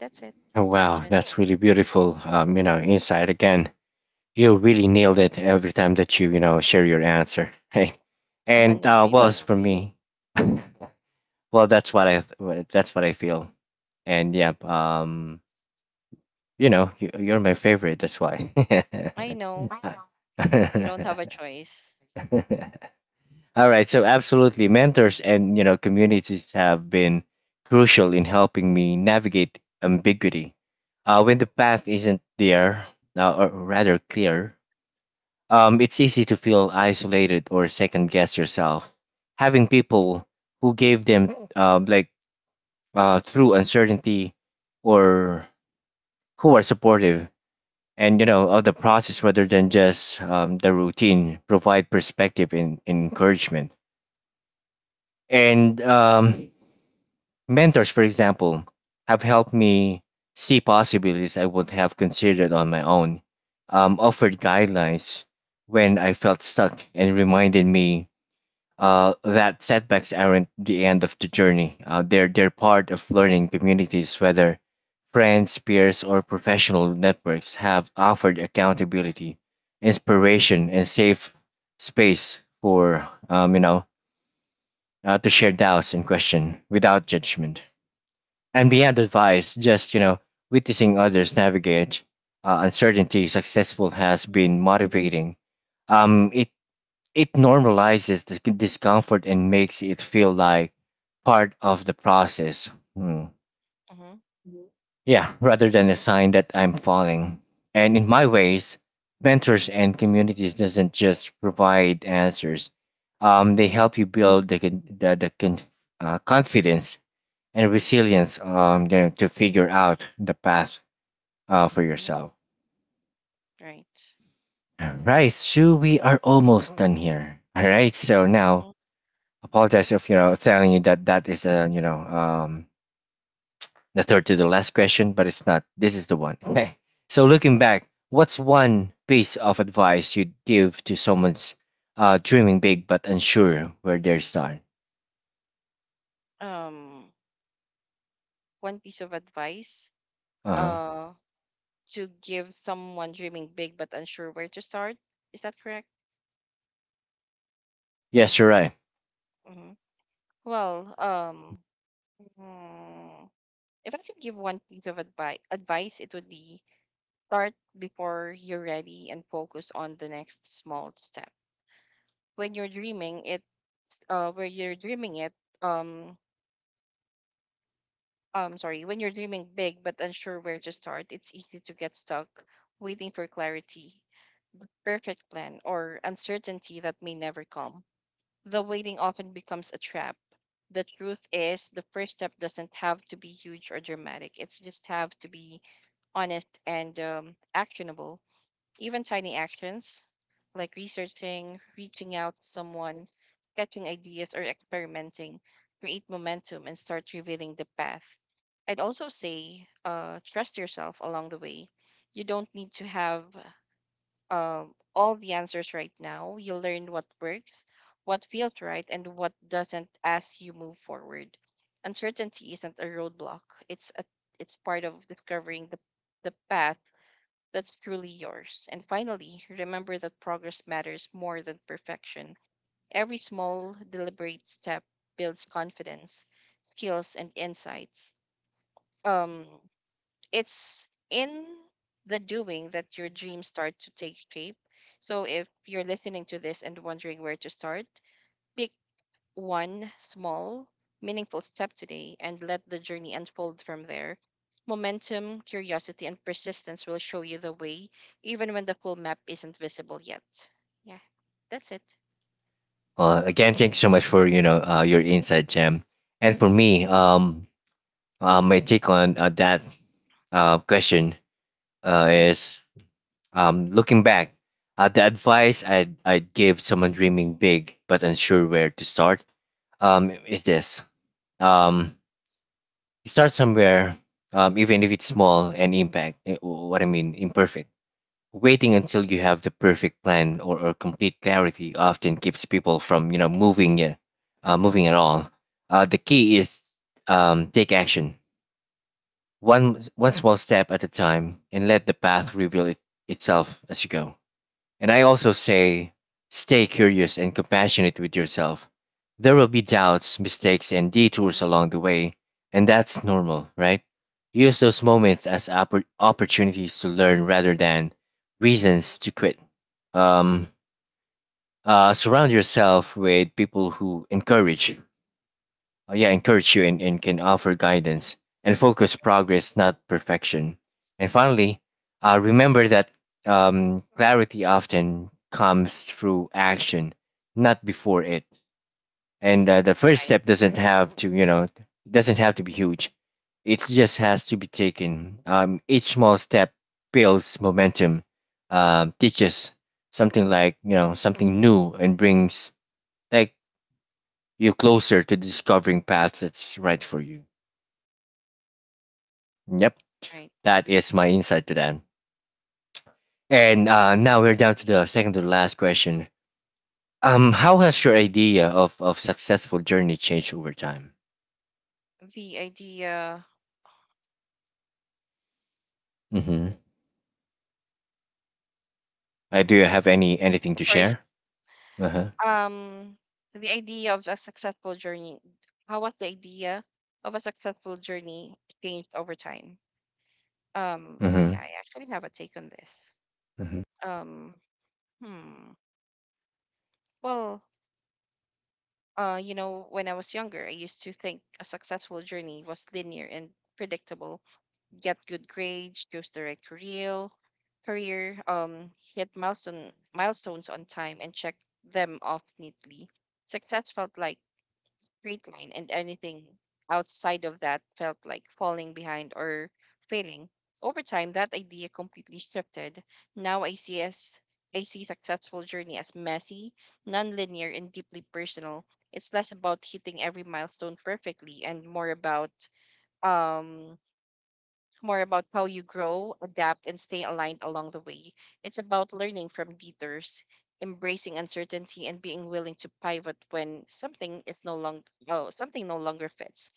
S2: That's it,
S1: Oh, wow,
S2: Arjun.
S1: that's really beautiful. Insight again. You really nailed it every time that you know, share your answer. Right? And
S2: Not
S1: well,
S2: really.
S1: as for me, well, that's what I, that's what I feel. And yeah, you know, you, you're my favorite. That's why.
S2: I know you don't have
S1: I
S2: a choice.
S1: know. All right, so absolutely, mentors and you know communities have been crucial in helping me navigate ambiguity. When the path isn't there, or rather clear, it's easy to feel isolated or second guess yourself. Having people who gave them like through uncertainty, or who are supportive and of the process rather than just the routine, provide perspective and encouragement. And Mentors, for example, have helped me see possibilities I would have considered on my own, offered guidelines when I felt stuck, and reminded me that setbacks aren't the end of the journey. They're part of learning communities, whether friends, peers, or professional networks have offered accountability, inspiration, and safe space for to share doubts and question without judgment and beyond advice, witnessing others navigate uncertainty successful has
S2: Mm-hmm,
S1: been motivating. Um, it it normalizes the discomfort and makes it feel like part of the process. Hmm.
S2: mm-hmm,
S1: Yeah, rather than a sign that I'm falling. And in my ways, mentors and communities doesn't just provide answers. They
S2: mm-hmm,
S1: help you build the confidence and resilience to figure out the path for
S2: mm-hmm.
S1: yourself.
S2: Right.
S1: Right, so we are almost done here. All right, so
S2: Mm-hmm.
S1: now apologize if telling you that that is a the third to the last question, but it's not. This is the one. Okay. So looking back, what's one piece of advice you'd give to someone's dreaming big but unsure where they start?
S2: Um, one piece of advice.
S1: Uh huh.
S2: Uh, to give someone dreaming big but unsure where to start. Is that correct?
S1: Yes, you're right.
S2: Hmm. Well, mm, if I could give one piece of advice, it would be start before you're ready and focus on the next small step. When you're dreaming it, um, sorry, when you're dreaming big but unsure where to start, it's easy to get stuck waiting for clarity, perfect plan, or uncertainty that may never come. The waiting often becomes a trap. The truth is, the first step doesn't have to be huge or dramatic. It's just have to be honest and actionable. Even tiny actions like researching, reaching out to someone, sketching ideas, or experimenting create momentum and start revealing the path. I'd also say, trust yourself along the way. You don't need to have all the answers right now. You learn what works, what feels right, and what doesn't as you move forward. Uncertainty isn't a roadblock. It's a it's part of discovering the path that's truly yours. And finally, remember that progress matters more than perfection. Every small, deliberate step builds confidence, skills, and insights. Um, it's in the doing that your dreams start to take shape. So if you're listening to this and wondering where to start, pick one small, meaningful step today and let the journey unfold from there. Momentum, curiosity, and persistence will show you the way, even when the full map isn't visible yet. Yeah, that's it.
S1: Again, thank you so much for your insight, Jam. And for me, my take on that question
S2: Mhm.
S1: is looking back, the advice I'd give someone dreaming big but unsure where to start is this um, start somewhere, even if it's small and impact, eh, wh- what I mean, imperfect. Waiting until you have the perfect plan or complete clarity often keeps people from moving moving at all. The key is take action one small step at a time and let the path reveal itself as you go, and I also say stay curious and compassionate with yourself. There will be doubts, mistakes, and detours along the way, and that's normal, right? Use those moments as opportunities to learn rather than reasons to quit. um, surround yourself with people who encourage yeah encourage you, and can offer
S2: Right,
S1: guidance and focus progress not perfection. And finally, remember that clarity often comes through action, not before it. And the first
S2: right.
S1: step doesn't have to doesn't have to be huge, it just has to be taken. Each small step builds momentum, teaches something, something new, and brings like you closer to discovering paths that's right for you. Yep,
S2: Right.
S1: that is my insight to that. And now we're down to the second to the last question. How has your idea of successful journey changed over time?
S2: The idea.
S1: Mm-hmm. Do you have anything to
S2: Sorry,
S1: share? Uh-huh.
S2: um the idea of a successful journey how was The idea of a successful journey changed over time? Yeah,
S1: Mm-hmm.
S2: I actually have a take on this.
S1: Mm-hmm.
S2: um hmm well you know, when I was younger, I used to think a successful journey was linear and predictable. Get good grades, choose the right career, hit milestones on time and check them off neatly. Success felt like straight line, and anything outside of that felt like falling behind or failing. Over time, that idea completely shifted. Now I see successful journey as messy, non-linear, and deeply personal. It's less about hitting every milestone perfectly and more about um how you grow, adapt, and stay aligned along the way. It's about learning from detours, embracing uncertainty, and being willing to pivot when something no longer fits.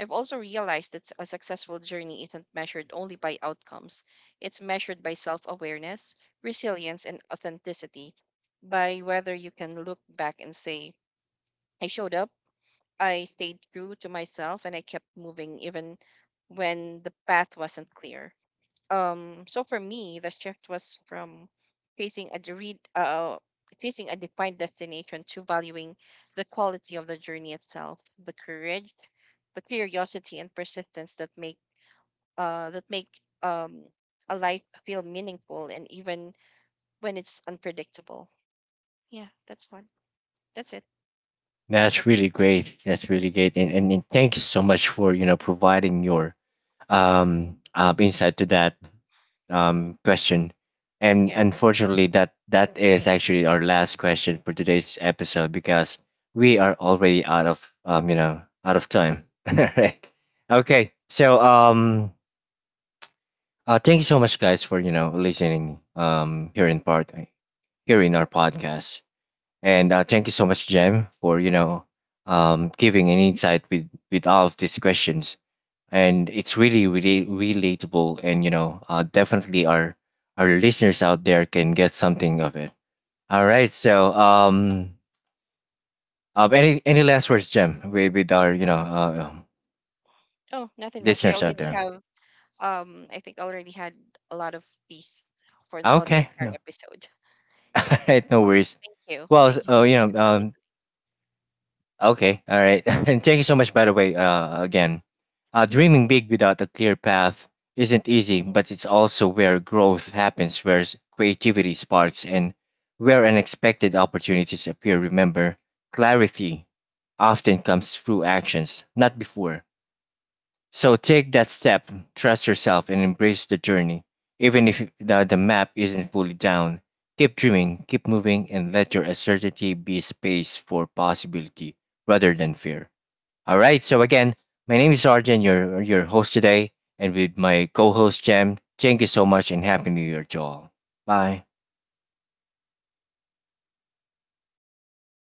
S2: I've also realized that a successful journey isn't measured only by outcomes. It's measured by self-awareness, resilience, and authenticity, by whether you can look back and say, I showed up, I stayed true to myself, and I kept moving even when the path wasn't clear. So for me, the shift was from facing a read uh facing a defined destination to valuing the quality of the journey itself, the courage, the curiosity, and persistence that make um a life feel meaningful, and even when it's unpredictable. Yeah, that's it.
S1: That's
S2: That's
S1: really
S2: really
S1: great. That's really great. And thank you so much for providing your insight to that
S2: mm-hmm.
S1: question. And
S2: Yeah.
S1: unfortunately, that that is actually our last question for today's episode because we are already out of out of time. Right. Okay. So thank you so much, guys, for listening here in part here in our podcast, and thank you so much, Jem, for giving an insight with all of these questions, and it's really really relatable, and definitely our listeners out there can get something of it. All right, so any last
S2: Right.
S1: words, Jim, with our
S2: Oh, nothing much.
S1: listeners out there.
S2: I think I already had a lot of peace for on the
S1: Okay,
S2: entire
S1: no.
S2: episode.
S1: All
S2: Yeah.
S1: right, no worries.
S2: Thank you.
S1: Well
S2: Thank you. Thank you for listening.
S1: okay, all right. And thank you so much, by the way, again. Dreaming big without a clear path isn't easy,
S2: Mhm.
S1: but it's also where growth happens, where creativity sparks, and where unexpected opportunities appear. Remember, clarity often comes through actions, not before. So take that step, trust yourself, and embrace the journey. Even if the map isn't fully down, keep dreaming, keep moving, and let your uncertainty be space for possibility rather than fear. All right, so again, my name is Arjun, your host today, and with my co host, Jem. Thank you so much, and Happy New Year to all. Bye.